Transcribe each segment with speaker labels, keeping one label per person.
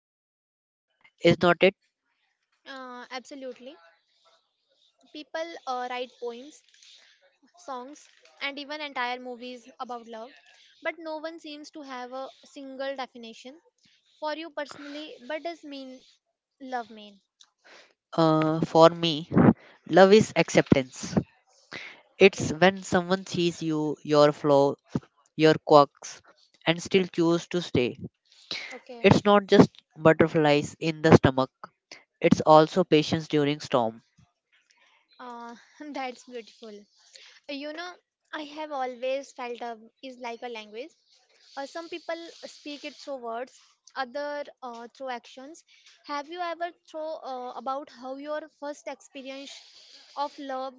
Speaker 1: complicated, is not it?
Speaker 2: Absolutely. People write poems, songs, and even entire movies about love, but no one seems to have a single definition. For you personally, what does mean love mean?
Speaker 1: For me, love is acceptance.
Speaker 2: Okay,
Speaker 1: It's when someone sees you, your flaw, your quirks, and still choose to stay.
Speaker 2: okay.
Speaker 1: It's not just butterflies in the stomach. It's also patience during storm.
Speaker 2: Uh, that's beautiful. You know, I have always felt a, is like a language. Some people speak it through words, other through actions. Have you ever thought about how your first experience of love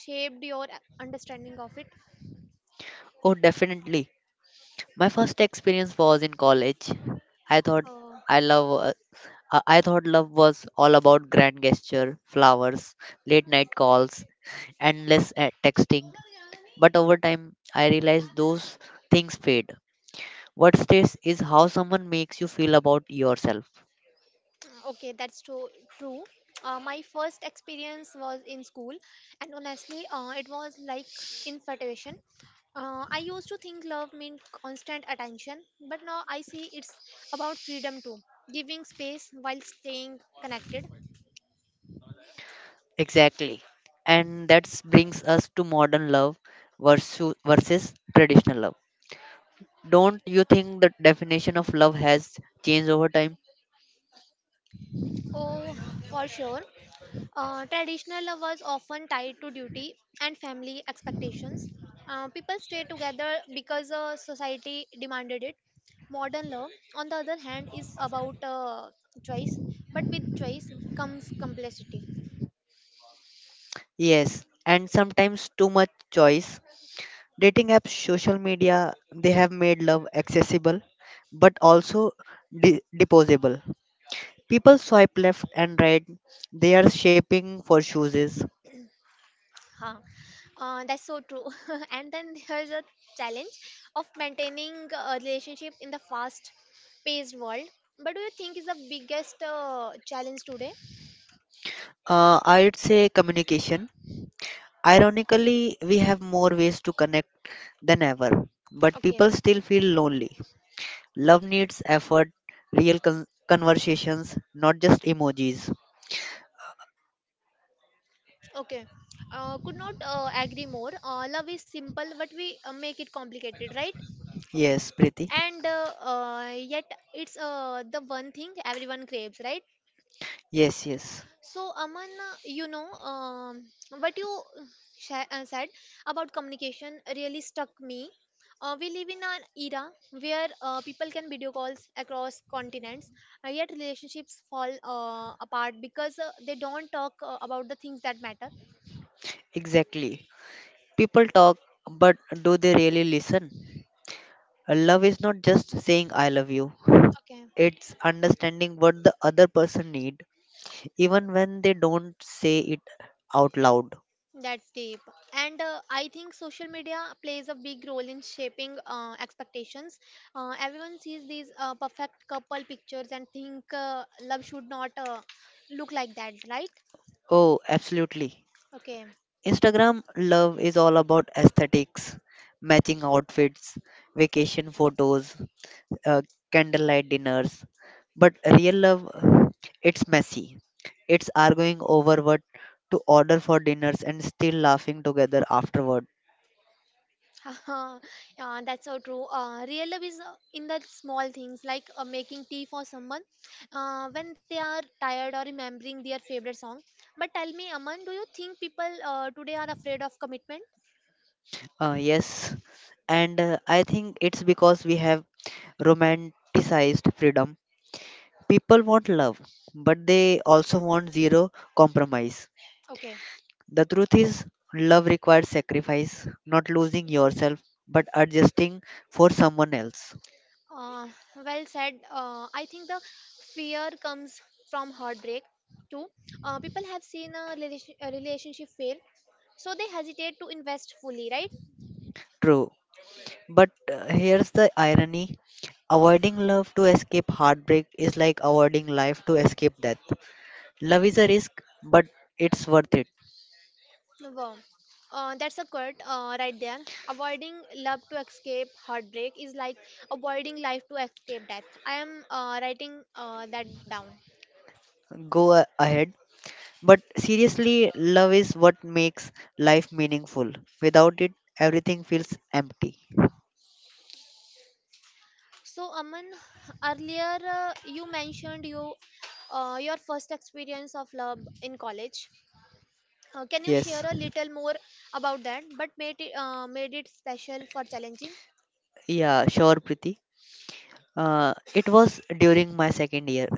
Speaker 2: shaped your understanding of it?
Speaker 1: Oh, definitely. My first experience was in college. I thought
Speaker 2: Uh,
Speaker 1: I love uh, I thought love was all about grand gesture, flowers, late night calls, endless texting. But over time, I realized those things fade. What stays is how someone makes you feel about yourself.
Speaker 2: okay, that's true. True. My first experience was in school, and honestly, it was like infatuation. I used to think love meant constant attention, but now I see it's about freedom too, giving space while staying connected.
Speaker 1: Exactly. And that brings us to modern love versus traditional love. Don't you think the definition of love has changed over time?
Speaker 2: Oh, for sure. Traditional love was often tied to duty and family expectations. People stay together because society demanded it. Modern love, on the other hand, is about choice, but with choice comes complexity.
Speaker 1: Yes, and sometimes too much choice. Dating apps, social media, they have made love accessible but also disposable. People swipe left and right, they are shaping for choices.
Speaker 2: Huh. That's so true. And then there's a challenge of maintaining a relationship in the fast paced world. But do you think is the biggest challenge today?
Speaker 1: I'd say communication. Ironically, we have more ways to connect than ever, but
Speaker 2: Okay.
Speaker 1: people still feel lonely. Love needs effort, real conversations, not just emojis.
Speaker 2: Okay. Could not agree more. Love is simple, but we make it complicated, right?
Speaker 1: Yes, Preeti.
Speaker 2: And yet, it's the one thing everyone craves, right?
Speaker 1: Yes, yes,
Speaker 2: So, Aman, what you uh, said about communication really stuck me. We live in an era where people can video calls across continents, yet relationships fall apart because they don't talk about the things that matter.
Speaker 1: exactly. People talk, but do they really listen? Love is not just saying I love you.
Speaker 2: Okay.
Speaker 1: It's understanding what the other person need even when they don't say it out loud.
Speaker 2: That's deep. And I think social media plays a big role in shaping expectations. Everyone sees these perfect couple pictures and think love should not look like that, right?
Speaker 1: Oh, absolutely.
Speaker 2: Okay.
Speaker 1: Instagram love is all about aesthetics, matching outfits, vacation photos, uh, candlelight dinners. But real love, it's messy. It's arguing over what to order for dinners and still laughing together afterward.
Speaker 2: Yeah, that's so true. Real love is in the small things like making tea for someone when they are tired or remembering their favorite song. But tell me, Aman, do you think people today are afraid of commitment?
Speaker 1: Yes, and I think it's because we have romanticized freedom. People want love, but they also want zero compromise.
Speaker 2: Okay.
Speaker 1: The truth is, love requires sacrifice, not losing yourself, but adjusting for someone else.
Speaker 2: Uh, well said. I think the fear comes from heartbreak too. People have seen a relationship fail, so they hesitate to invest fully, right?
Speaker 1: True. But here's the irony, avoiding love to escape heartbreak is like avoiding life to escape death. Love is a risk, but it's worth it.
Speaker 2: Wow. That's a quote right there. Avoiding love to escape heartbreak is like avoiding life to escape death. I am writing that down.
Speaker 1: Go ahead. But seriously, love is what makes life meaningful. Without it, everything feels empty.
Speaker 2: So, Aman, earlier you mentioned you your first experience of love in college. Can you share
Speaker 1: Yes.
Speaker 2: a little more about that? But made it special for challenging.
Speaker 1: Yeah, sure, Priti. It was during my second year.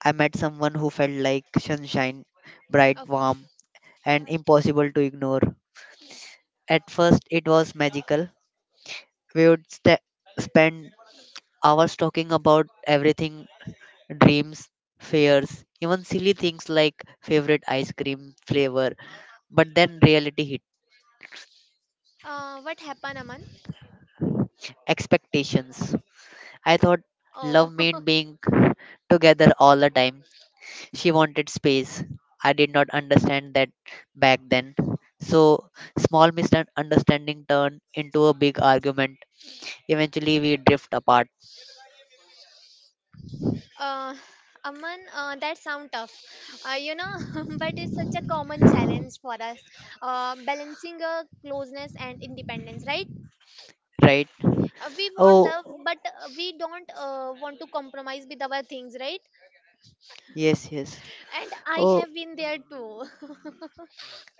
Speaker 1: I met someone who felt like sunshine, bright,
Speaker 2: Okay.
Speaker 1: warm, and impossible to ignore. At first, it was magical. We would sta spend hours talking about everything, dreams, fears, even silly things like favorite ice cream flavor. But then reality hit
Speaker 2: What happened, Aman?
Speaker 1: expectations. I thought
Speaker 2: Oh,
Speaker 1: love meant being together all the time. She wanted space. I did not understand that back then. So, small misunderstanding turned into a big argument. Eventually, we drift apart,
Speaker 2: uh, Aman, that sound tough, you know, but it's such a common challenge for us, balancing a closeness and independence, right?
Speaker 1: right?
Speaker 2: We want
Speaker 1: Oh,
Speaker 2: love, but we don't want to compromise with our things, right?
Speaker 1: yes, yes.
Speaker 2: And I
Speaker 1: Oh,
Speaker 2: have been there too.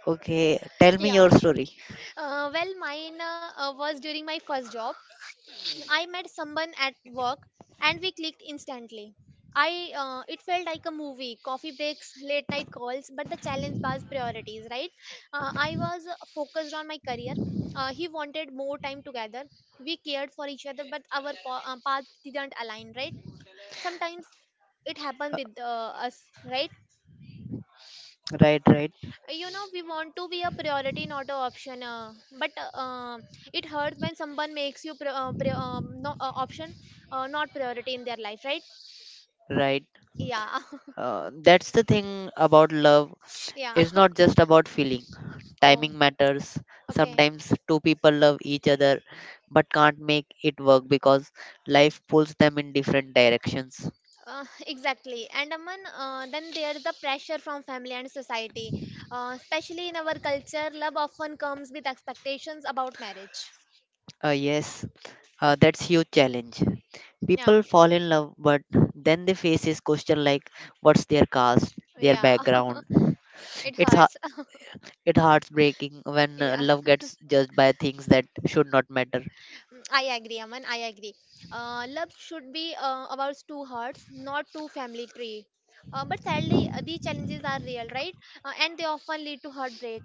Speaker 1: okay. Tell me
Speaker 2: Yeah.
Speaker 1: your story.
Speaker 2: Mine was during my first job. I met someone at work and we clicked instantly. I It felt like a movie, coffee breaks, late night calls, but the challenge was priorities, right? I was focused on my career. He wanted more time together. We cared for each other, but our paths didn't align, right? Sometimes it happens with us, right?
Speaker 1: Right, right,
Speaker 2: You know, we want to be a priority, not a option, but it hurts when someone makes you option, not priority in their life, right?
Speaker 1: right.
Speaker 2: Yeah.
Speaker 1: That's the thing about love.
Speaker 2: Yeah.
Speaker 1: It's not just about feeling,
Speaker 2: Oh,
Speaker 1: timing matters.
Speaker 2: okay.
Speaker 1: Sometimes two people love each other but can't make it work because life pulls them in different directions.
Speaker 2: Exactly, and Aman, then there's the pressure from family and society, especially in our culture. Love often comes with expectations about marriage.
Speaker 1: Yes, that's huge challenge.
Speaker 2: Yeah.
Speaker 1: People fall in love, but then they face this question like, what's their caste, their
Speaker 2: Yeah.
Speaker 1: background?
Speaker 2: It
Speaker 1: It's ha-
Speaker 2: hurts.
Speaker 1: it heartbreaking when
Speaker 2: Yeah,
Speaker 1: love gets judged by things that should not matter.
Speaker 2: I agree, Aman. I agree. Love should be about two hearts, not two family tree. But sadly, these challenges are real, right? And they often lead to heartbreak.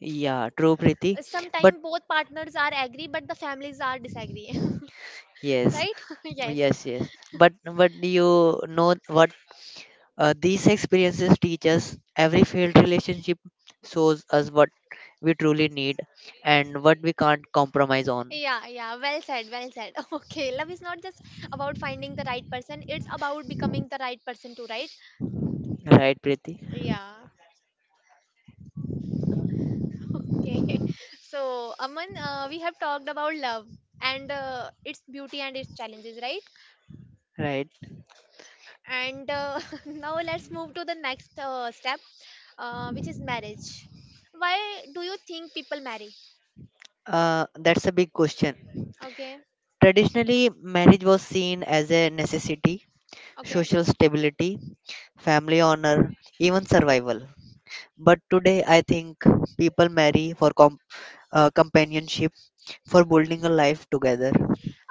Speaker 1: Yeah, true, Preeti. But
Speaker 2: Sometimes both partners are agree, but the families are disagree.
Speaker 1: yes,
Speaker 2: Right? Yes.
Speaker 1: yes, yes. But you know what? These experiences teach us, every failed relationship shows us what we truly need and what we can't compromise on.
Speaker 2: Yeah, yeah. Well said. Well said. Okay, love is not just about finding the right person; it's about becoming the right person too, right?
Speaker 1: Right, Preeti?
Speaker 2: Yeah. Okay. So, Aman, we have talked about love and its beauty and its challenges, right?
Speaker 1: Right.
Speaker 2: And now let's move to the next step, which is marriage. Why do you think people marry?
Speaker 1: That's a big question.
Speaker 2: Okay.
Speaker 1: Traditionally, marriage was seen as a necessity,
Speaker 2: Okay.
Speaker 1: social stability, family honor, even survival. But today, I think people marry for companionship, for building a life together.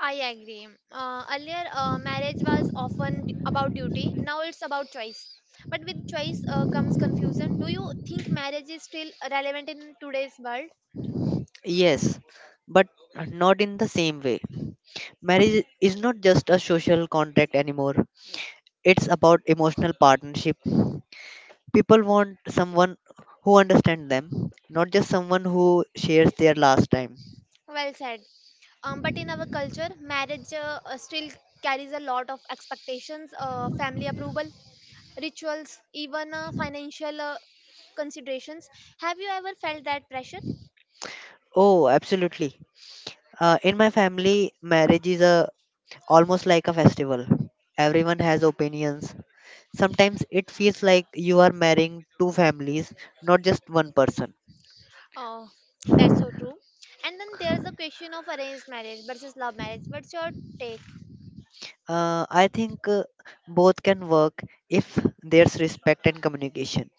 Speaker 2: I agree. Earlier, marriage was often about duty, now it's about choice, but with choice comes confusion. Do you think marriage is still relevant in today's world?
Speaker 1: Yes, but not in the same way. Marriage is not just a social contract anymore, it's about emotional partnership. People want someone who understands them, not just someone who shares their last time.
Speaker 2: Well said. But in our culture, marriage still carries a lot of expectations, family approval, rituals, even financial considerations. Have you ever felt that pressure?
Speaker 1: Oh, absolutely. In my family, marriage is a almost like a festival. Everyone has opinions. Sometimes it feels like you are marrying two families, not just one person.
Speaker 2: Oh, that's so true. And then there's the question of arranged marriage versus love marriage. What's your take?
Speaker 1: I think both can work if there's respect and communication.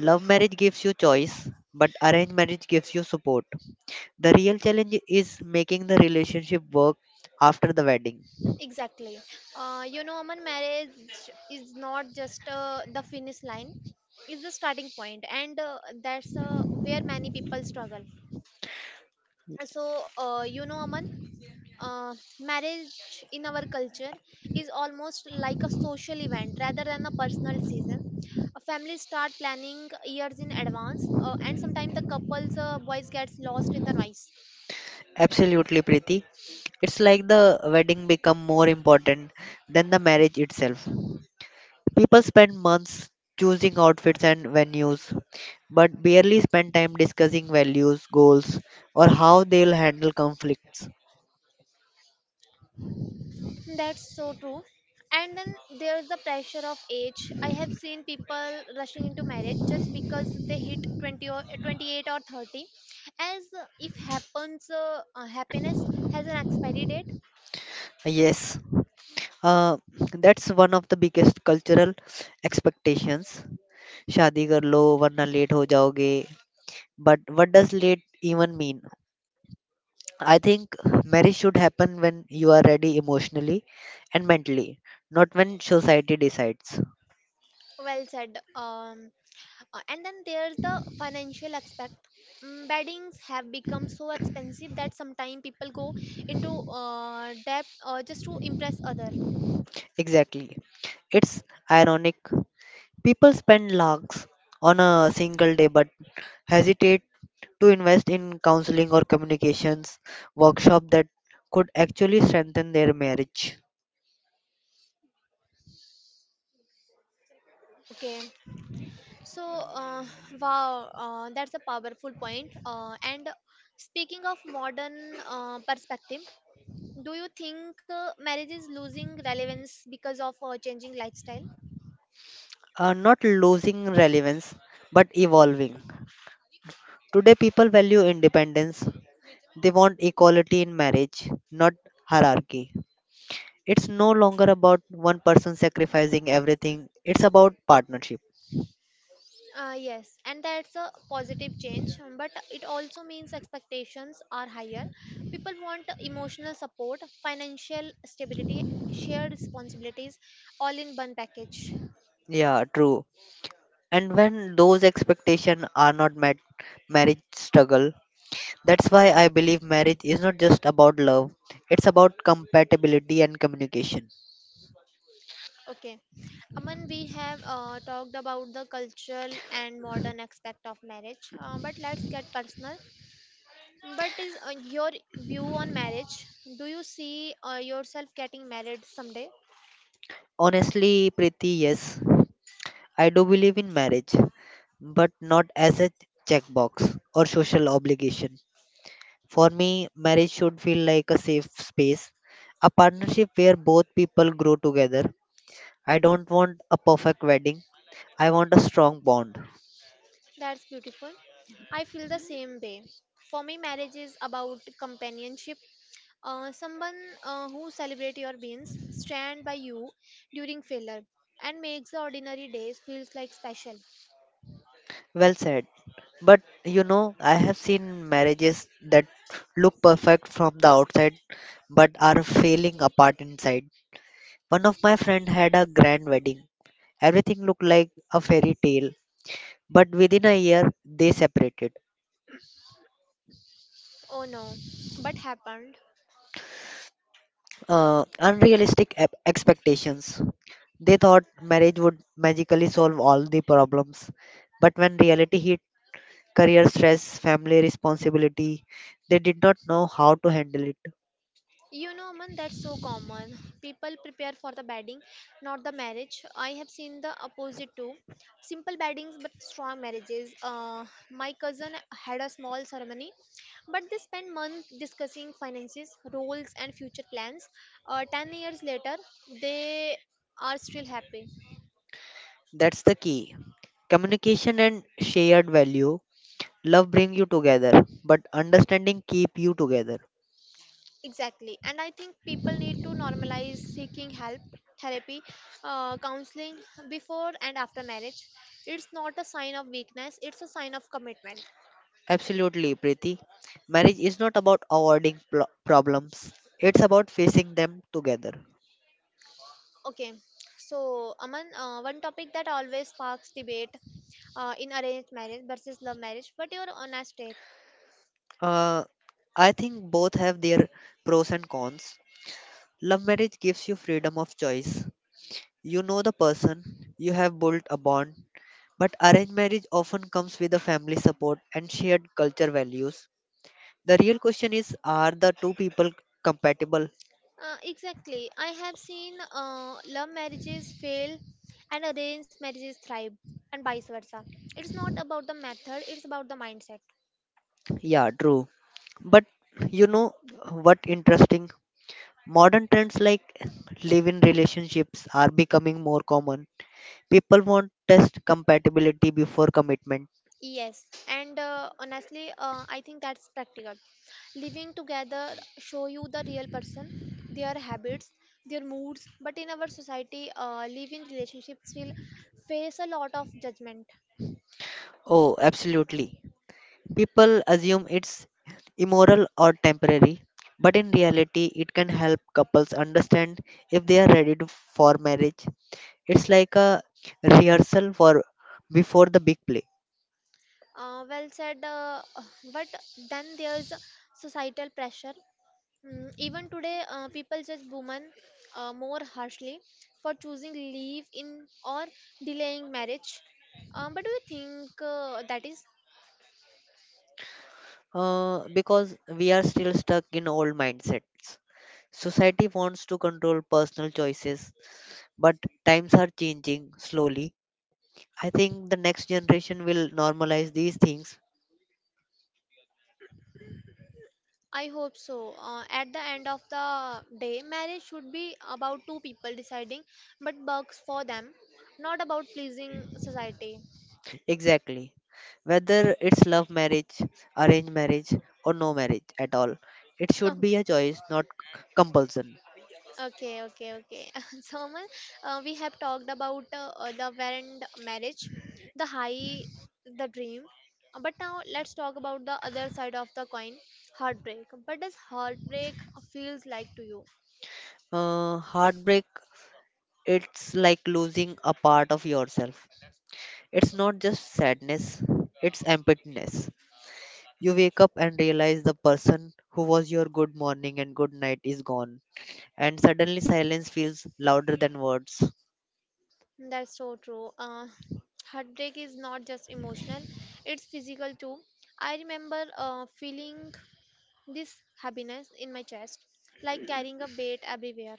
Speaker 1: Love marriage gives you choice, but arranged marriage gives you support. The real challenge is making the relationship work after the wedding.
Speaker 2: Exactly. You know, Aman, marriage is not just the finish line, it's the starting point, and that's where many people struggle. So, you know, Aman, uh, marriage in our culture is almost like a social event rather than a personal decision. Families start planning years in advance, and sometimes the couple's voice gets lost in the noise.
Speaker 1: Absolutely, Preeti. It's like the wedding become more important than the marriage itself. People spend months choosing outfits and venues, but barely spend time discussing values, goals, or how they'll handle conflicts.
Speaker 2: That's so true. And then there's the pressure of age. I have seen people rushing into marriage just because they hit 20 or 28 or 30, as if happens happiness has an expiry date.
Speaker 1: Yes, uh, that's one of the biggest cultural expectations. शादी कर लो वरना late हो जाओगे. But what does late even mean? I think marriage should happen when you are ready emotionally and mentally, not when society decides.
Speaker 2: Well said. Um, And then there's the financial aspect. Mm, beddings have become so expensive that sometimes people go into debt just to impress other.
Speaker 1: Exactly. It's ironic, people spend lakhs on a single day but hesitate to invest in counseling or communications workshop that could actually strengthen their marriage.
Speaker 2: Okay, so, uh, wow, that's a powerful point. And speaking of modern perspective, do you think marriage is losing relevance because of changing lifestyle?
Speaker 1: Not losing relevance but evolving. Today, people value independence. They want equality in marriage, not hierarchy. It's no longer about one person sacrificing everything, it's about partnership.
Speaker 2: Yes, and that's a positive change, but it also means expectations are higher. People want emotional support, financial stability, shared responsibilities, all in one package.
Speaker 1: Yeah, true. And when those expectations are not met, marriage struggle. That's why I believe marriage is not just about love, it's about compatibility and communication.
Speaker 2: Okay, Aman, we have talked about the cultural and modern aspect of marriage, but let's get personal. But is your view on marriage? Do you see yourself getting married someday?
Speaker 1: Honestly, Preeti, yes, I do believe in marriage, but not as a checkbox or social obligation. For me, marriage should feel like a safe space, a partnership where both people grow together. I don't want a perfect wedding, I want a strong bond.
Speaker 2: That's beautiful. I feel the same way. For me, marriage is about companionship. Someone who celebrates your wins, stand by you during failure, and makes the ordinary days feels like special.
Speaker 1: Well said. But you know, I have seen marriages that look perfect from the outside but are falling apart inside. One of my friend had a grand wedding. Everything looked like a fairy tale, but within a year they separated.
Speaker 2: Oh no, but happened.
Speaker 1: Unrealistic expectations. They thought marriage would magically solve all the problems. But when reality hit, career stress, family responsibility, they did not know how to handle it.
Speaker 2: You know, man, that's so common. People prepare for the wedding, not the marriage. I have seen the opposite too. Simple weddings but strong marriages. My cousin had a small ceremony. But they spend months discussing finances, roles, and future plans. 10 years later, they are still happy.
Speaker 1: That's the key. Communication and shared value. Love bring you together, but understanding keep you together.
Speaker 2: Exactly. And I think people need to normalize seeking help, therapy, counseling before and after marriage. It's not a sign of weakness, it's a sign of commitment.
Speaker 1: Absolutely, Preeti. Marriage is not about avoiding problems. It's about facing them together.
Speaker 2: Okay. So, Aman, one topic that always sparks debate, in arranged marriage versus love marriage. What your honest take?
Speaker 1: Uh, I think both have their pros and cons. Love marriage gives you freedom of choice. You know the person, you have built a bond, but arranged marriage often comes with a family support and shared culture values. The real question is, are the two people compatible?
Speaker 2: Exactly. I have seen love marriages fail and arranged marriages thrive, and vice versa. It's not about the method, it's about the mindset.
Speaker 1: Yeah, true. But you know what interesting? Modern trends like live in relationships are becoming more common. People want test compatibility before commitment.
Speaker 2: Yes, and honestly, I think that's practical. Living together show you the real person, their habits, their moods. But in our society, live-in relationships will face a lot of judgment.
Speaker 1: Oh, absolutely. People assume it's immoral or temporary, but in reality, it can help couples understand if they are ready to, for marriage. It's like a rehearsal for before the big play.
Speaker 2: Well said. But then there's societal pressure. Mm, even today, people judge women more harshly for choosing leave in or delaying marriage. But do you think that is?
Speaker 1: Because we are still stuck in old mindsets. Society wants to control personal choices, but times are changing slowly. I think the next generation will normalize these things.
Speaker 2: I hope so. At the end of the day, marriage should be about two people deciding what works for them, not about pleasing society.
Speaker 1: Exactly. Whether it's love marriage, arranged marriage, or no marriage at all, it should be a choice, not compulsion.
Speaker 2: Okay, okay, okay. So, Aman, we have talked about love and marriage, the high, the dream. But now let's talk about the other side of the coin, heartbreak. But does heartbreak feels like to you?
Speaker 1: Heartbreak, it's like losing a part of yourself. It's not just sadness, it's emptiness. You wake up and realize the person who was your good morning and good night is gone, and suddenly silence feels louder than words.
Speaker 2: That's so true. Heartbreak is not just emotional, it's physical too. I remember feeling this happiness in my chest, like carrying a weight everywhere.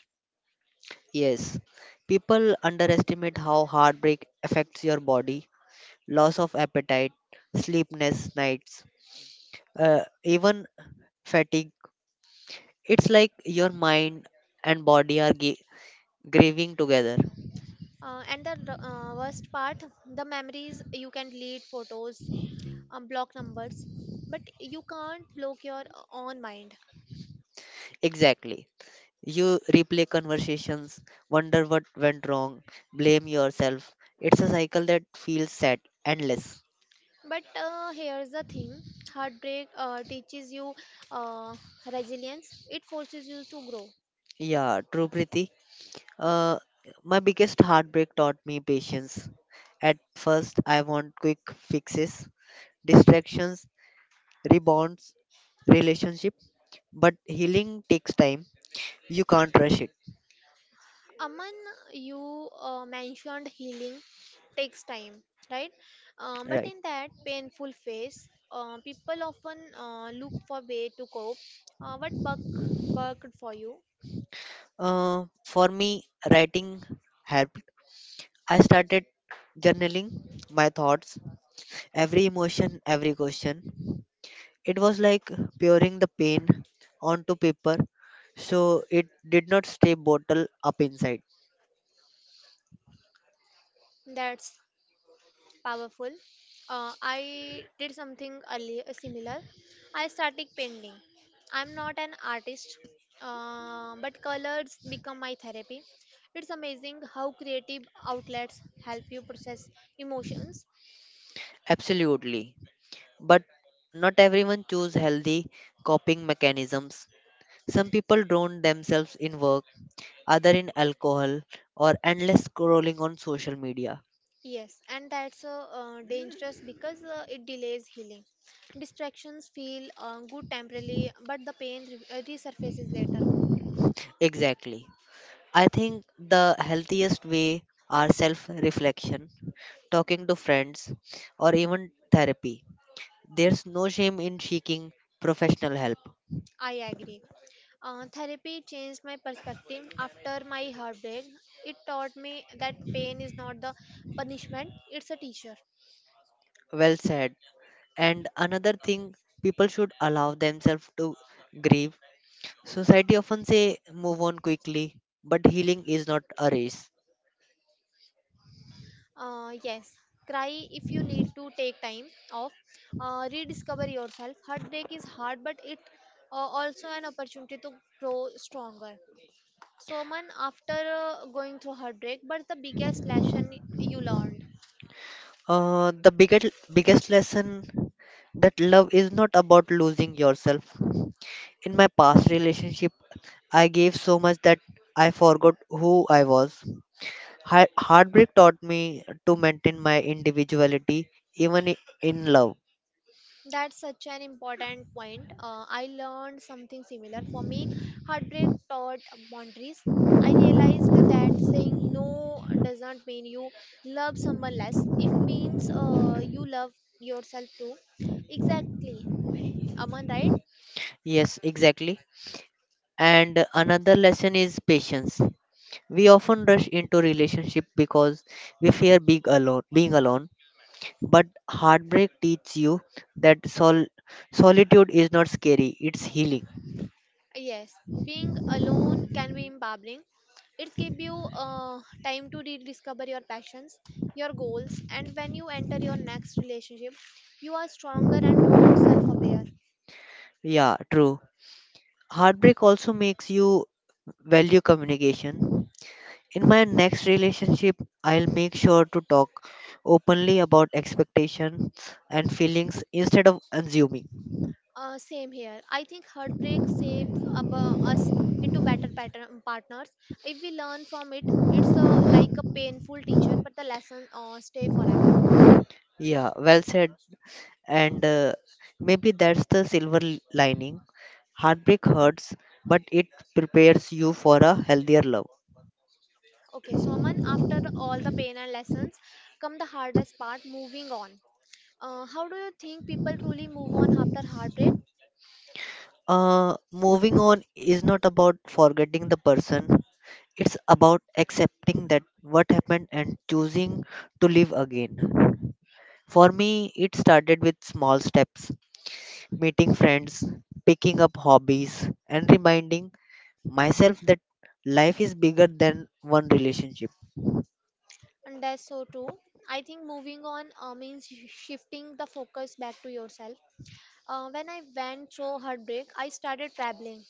Speaker 1: Yes, people underestimate how heartbreak affects your body, loss of appetite, sleepless nights, even fatigue. It's like your mind and body are grieving together.
Speaker 2: And the worst part, the memories you can delete photos, block numbers, but you can't block your own mind.
Speaker 1: Exactly. You replay conversations, wonder what went wrong, blame yourself. It's a cycle that feels sad, endless.
Speaker 2: But here's the thing, heartbreak teaches you uh, resilience, it forces you to grow.
Speaker 1: Yeah, true, Preeti. Uh, my biggest heartbreak taught me patience. At first, I want quick fixes, distractions, rebounds, relationship, but healing takes time. You can't rush it,
Speaker 2: Aman, you mentioned healing takes time, right? But
Speaker 1: right?
Speaker 2: in that painful phase, people often look for way to cope. What Buck worked for you?
Speaker 1: For me, writing helped. I started journaling my thoughts, every emotion, every question. It was like pouring the pain onto paper so it did not stay bottled up inside.
Speaker 2: That's powerful. I did something earlier similar. I started painting. I'm not an artist, but colors become my therapy. It's amazing how creative outlets help you process emotions.
Speaker 1: Absolutely. But not everyone choose healthy coping mechanisms. Some people drown themselves in work, other in alcohol, or endless scrolling on social media.
Speaker 2: Yes, and that's dangerous because it delays healing. Distractions feel good temporarily, but the pain resurfaces later.
Speaker 1: Exactly. I think the healthiest way are self reflection, talking to friends, or even therapy. There's no shame in seeking professional help.
Speaker 2: I agree. Therapy changed my perspective after my heartbreak. It taught me that pain is not the punishment, it's a teacher.
Speaker 1: Well said. And another thing, people should allow themselves to grieve. Society often say move on quickly, but healing is not a race.
Speaker 2: Yes, cry if you need to take time off. Rediscover yourself. Heartbreak is hard, but it also an opportunity to grow stronger. So, man, after going through heartbreak, but the biggest lesson you learned.
Speaker 1: The biggest lesson, that love is not about losing yourself. In my past relationship, I gave so much that I forgot who I was. Heartbreak taught me to maintain my individuality even in love.
Speaker 2: That's such an important point. I learned something similar. For me, heartbreak taught boundaries. I realized that saying no doesn't mean you love someone less. It means you love yourself too. Exactly. Aman, right?
Speaker 1: Yes, exactly. And another lesson is patience. We often rush into relationship because we fear being alone. But heartbreak teaches you that solitude is not scary, it's healing.
Speaker 2: Yes. Being alone can be empowering. It gives you time to rediscover your passions, your goals, and when you enter your next relationship, you are stronger and more self aware.
Speaker 1: Yeah, true. Heartbreak also makes you value communication. In my next relationship, I'll make sure to talk openly about expectations and feelings instead of assuming.
Speaker 2: Same here. I think heartbreak shapes us into better pattern partners. If we learn from it, it's a, like a painful teacher, but the lesson stay forever.
Speaker 1: Yeah, well said. And maybe that's the silver lining. Heartbreak hurts, but it prepares you for a healthier love.
Speaker 2: Okay, so Aman, after all the pain and lessons, come the hardest part, moving on. How do you think people truly move on after heartbreak?
Speaker 1: Moving on is not about forgetting the person. It's about accepting that what happened and choosing to live again. For me, it started with small steps, meeting friends, picking up hobbies, and reminding myself that life is bigger than one relationship.
Speaker 2: And that's so too. I think moving on means shifting the focus back to yourself. When I went through heartbreak, I started traveling.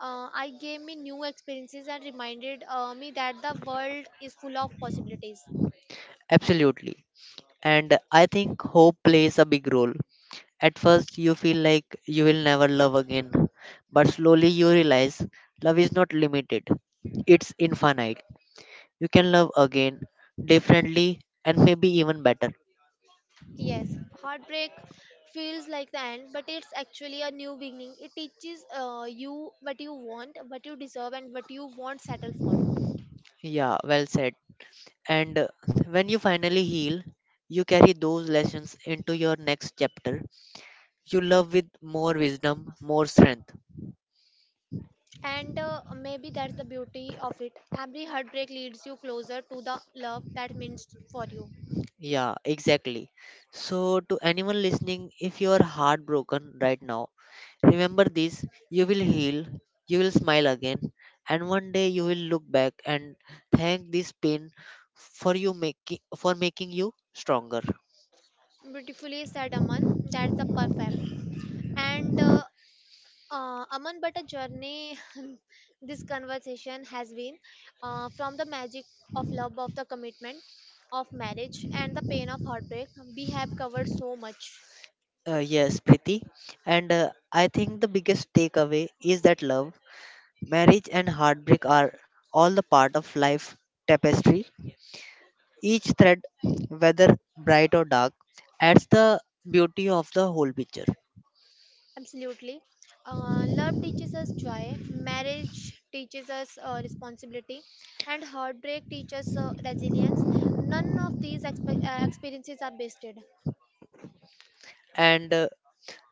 Speaker 2: I gave me new experiences and reminded me that the world is full of possibilities.
Speaker 1: Absolutely. And I think hope plays a big role. At first, you feel like you will never love again, but slowly you realize love is not limited, it's infinite. You can love again, differently, and maybe even better.
Speaker 2: Yes, heartbreak feels like the end, but it's actually a new beginning. It teaches you what you want, what you deserve, and what you won't settle for.
Speaker 1: Yeah, well said. And when you finally heal, you carry those lessons into your next chapter. You love with more wisdom, more strength.
Speaker 2: And maybe that's the beauty of it. Every heartbreak leads you closer to the love that means for you.
Speaker 1: Yeah, exactly. So, to anyone listening, if you are heartbroken right now, remember this, you will heal, you will smile again, and one day you will look back and thank this pain for making you stronger.
Speaker 2: Beautifully said, Aman. That's the perfect. And Aman, but a journey this conversation has been from the magic of love, of the commitment, of marriage, and the pain of heartbreak. We have covered so much.
Speaker 1: Yes, Priti. And I think the biggest takeaway is that love, marriage, and heartbreak are all the part of life tapestry. Each thread, whether bright or dark, adds the beauty of the whole picture.
Speaker 2: Absolutely. Love teaches us joy, marriage teaches us responsibility, and heartbreak teaches resilience. None of these experiences are wasted.
Speaker 1: And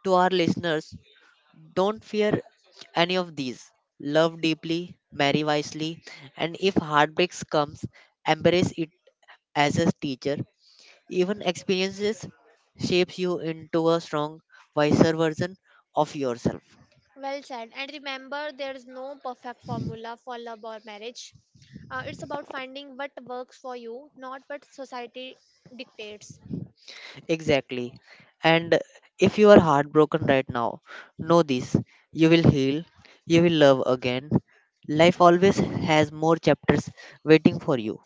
Speaker 1: to our listeners, don't fear any of these. Love deeply, marry wisely, and if heartbreaks comes, embrace it as a teacher. Even experiences shapes you into a strong, wiser version of yourself.
Speaker 2: Well said. And remember, there's no perfect formula for love or marriage. It's about finding what works for you, not what society dictates.
Speaker 1: Exactly. And if you are heartbroken right now, know this, you will heal, you will love again. Life always has more chapters waiting for you.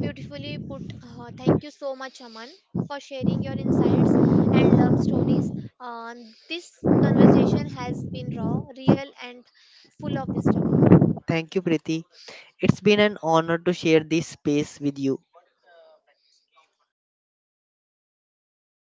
Speaker 2: Beautifully put. Thank you so much, Aman, for sharing your insights and love stories. Uh, this conversation has been raw, real, and full of wisdom.
Speaker 1: Thank you, Preeti. It's been an honor to share this space with you.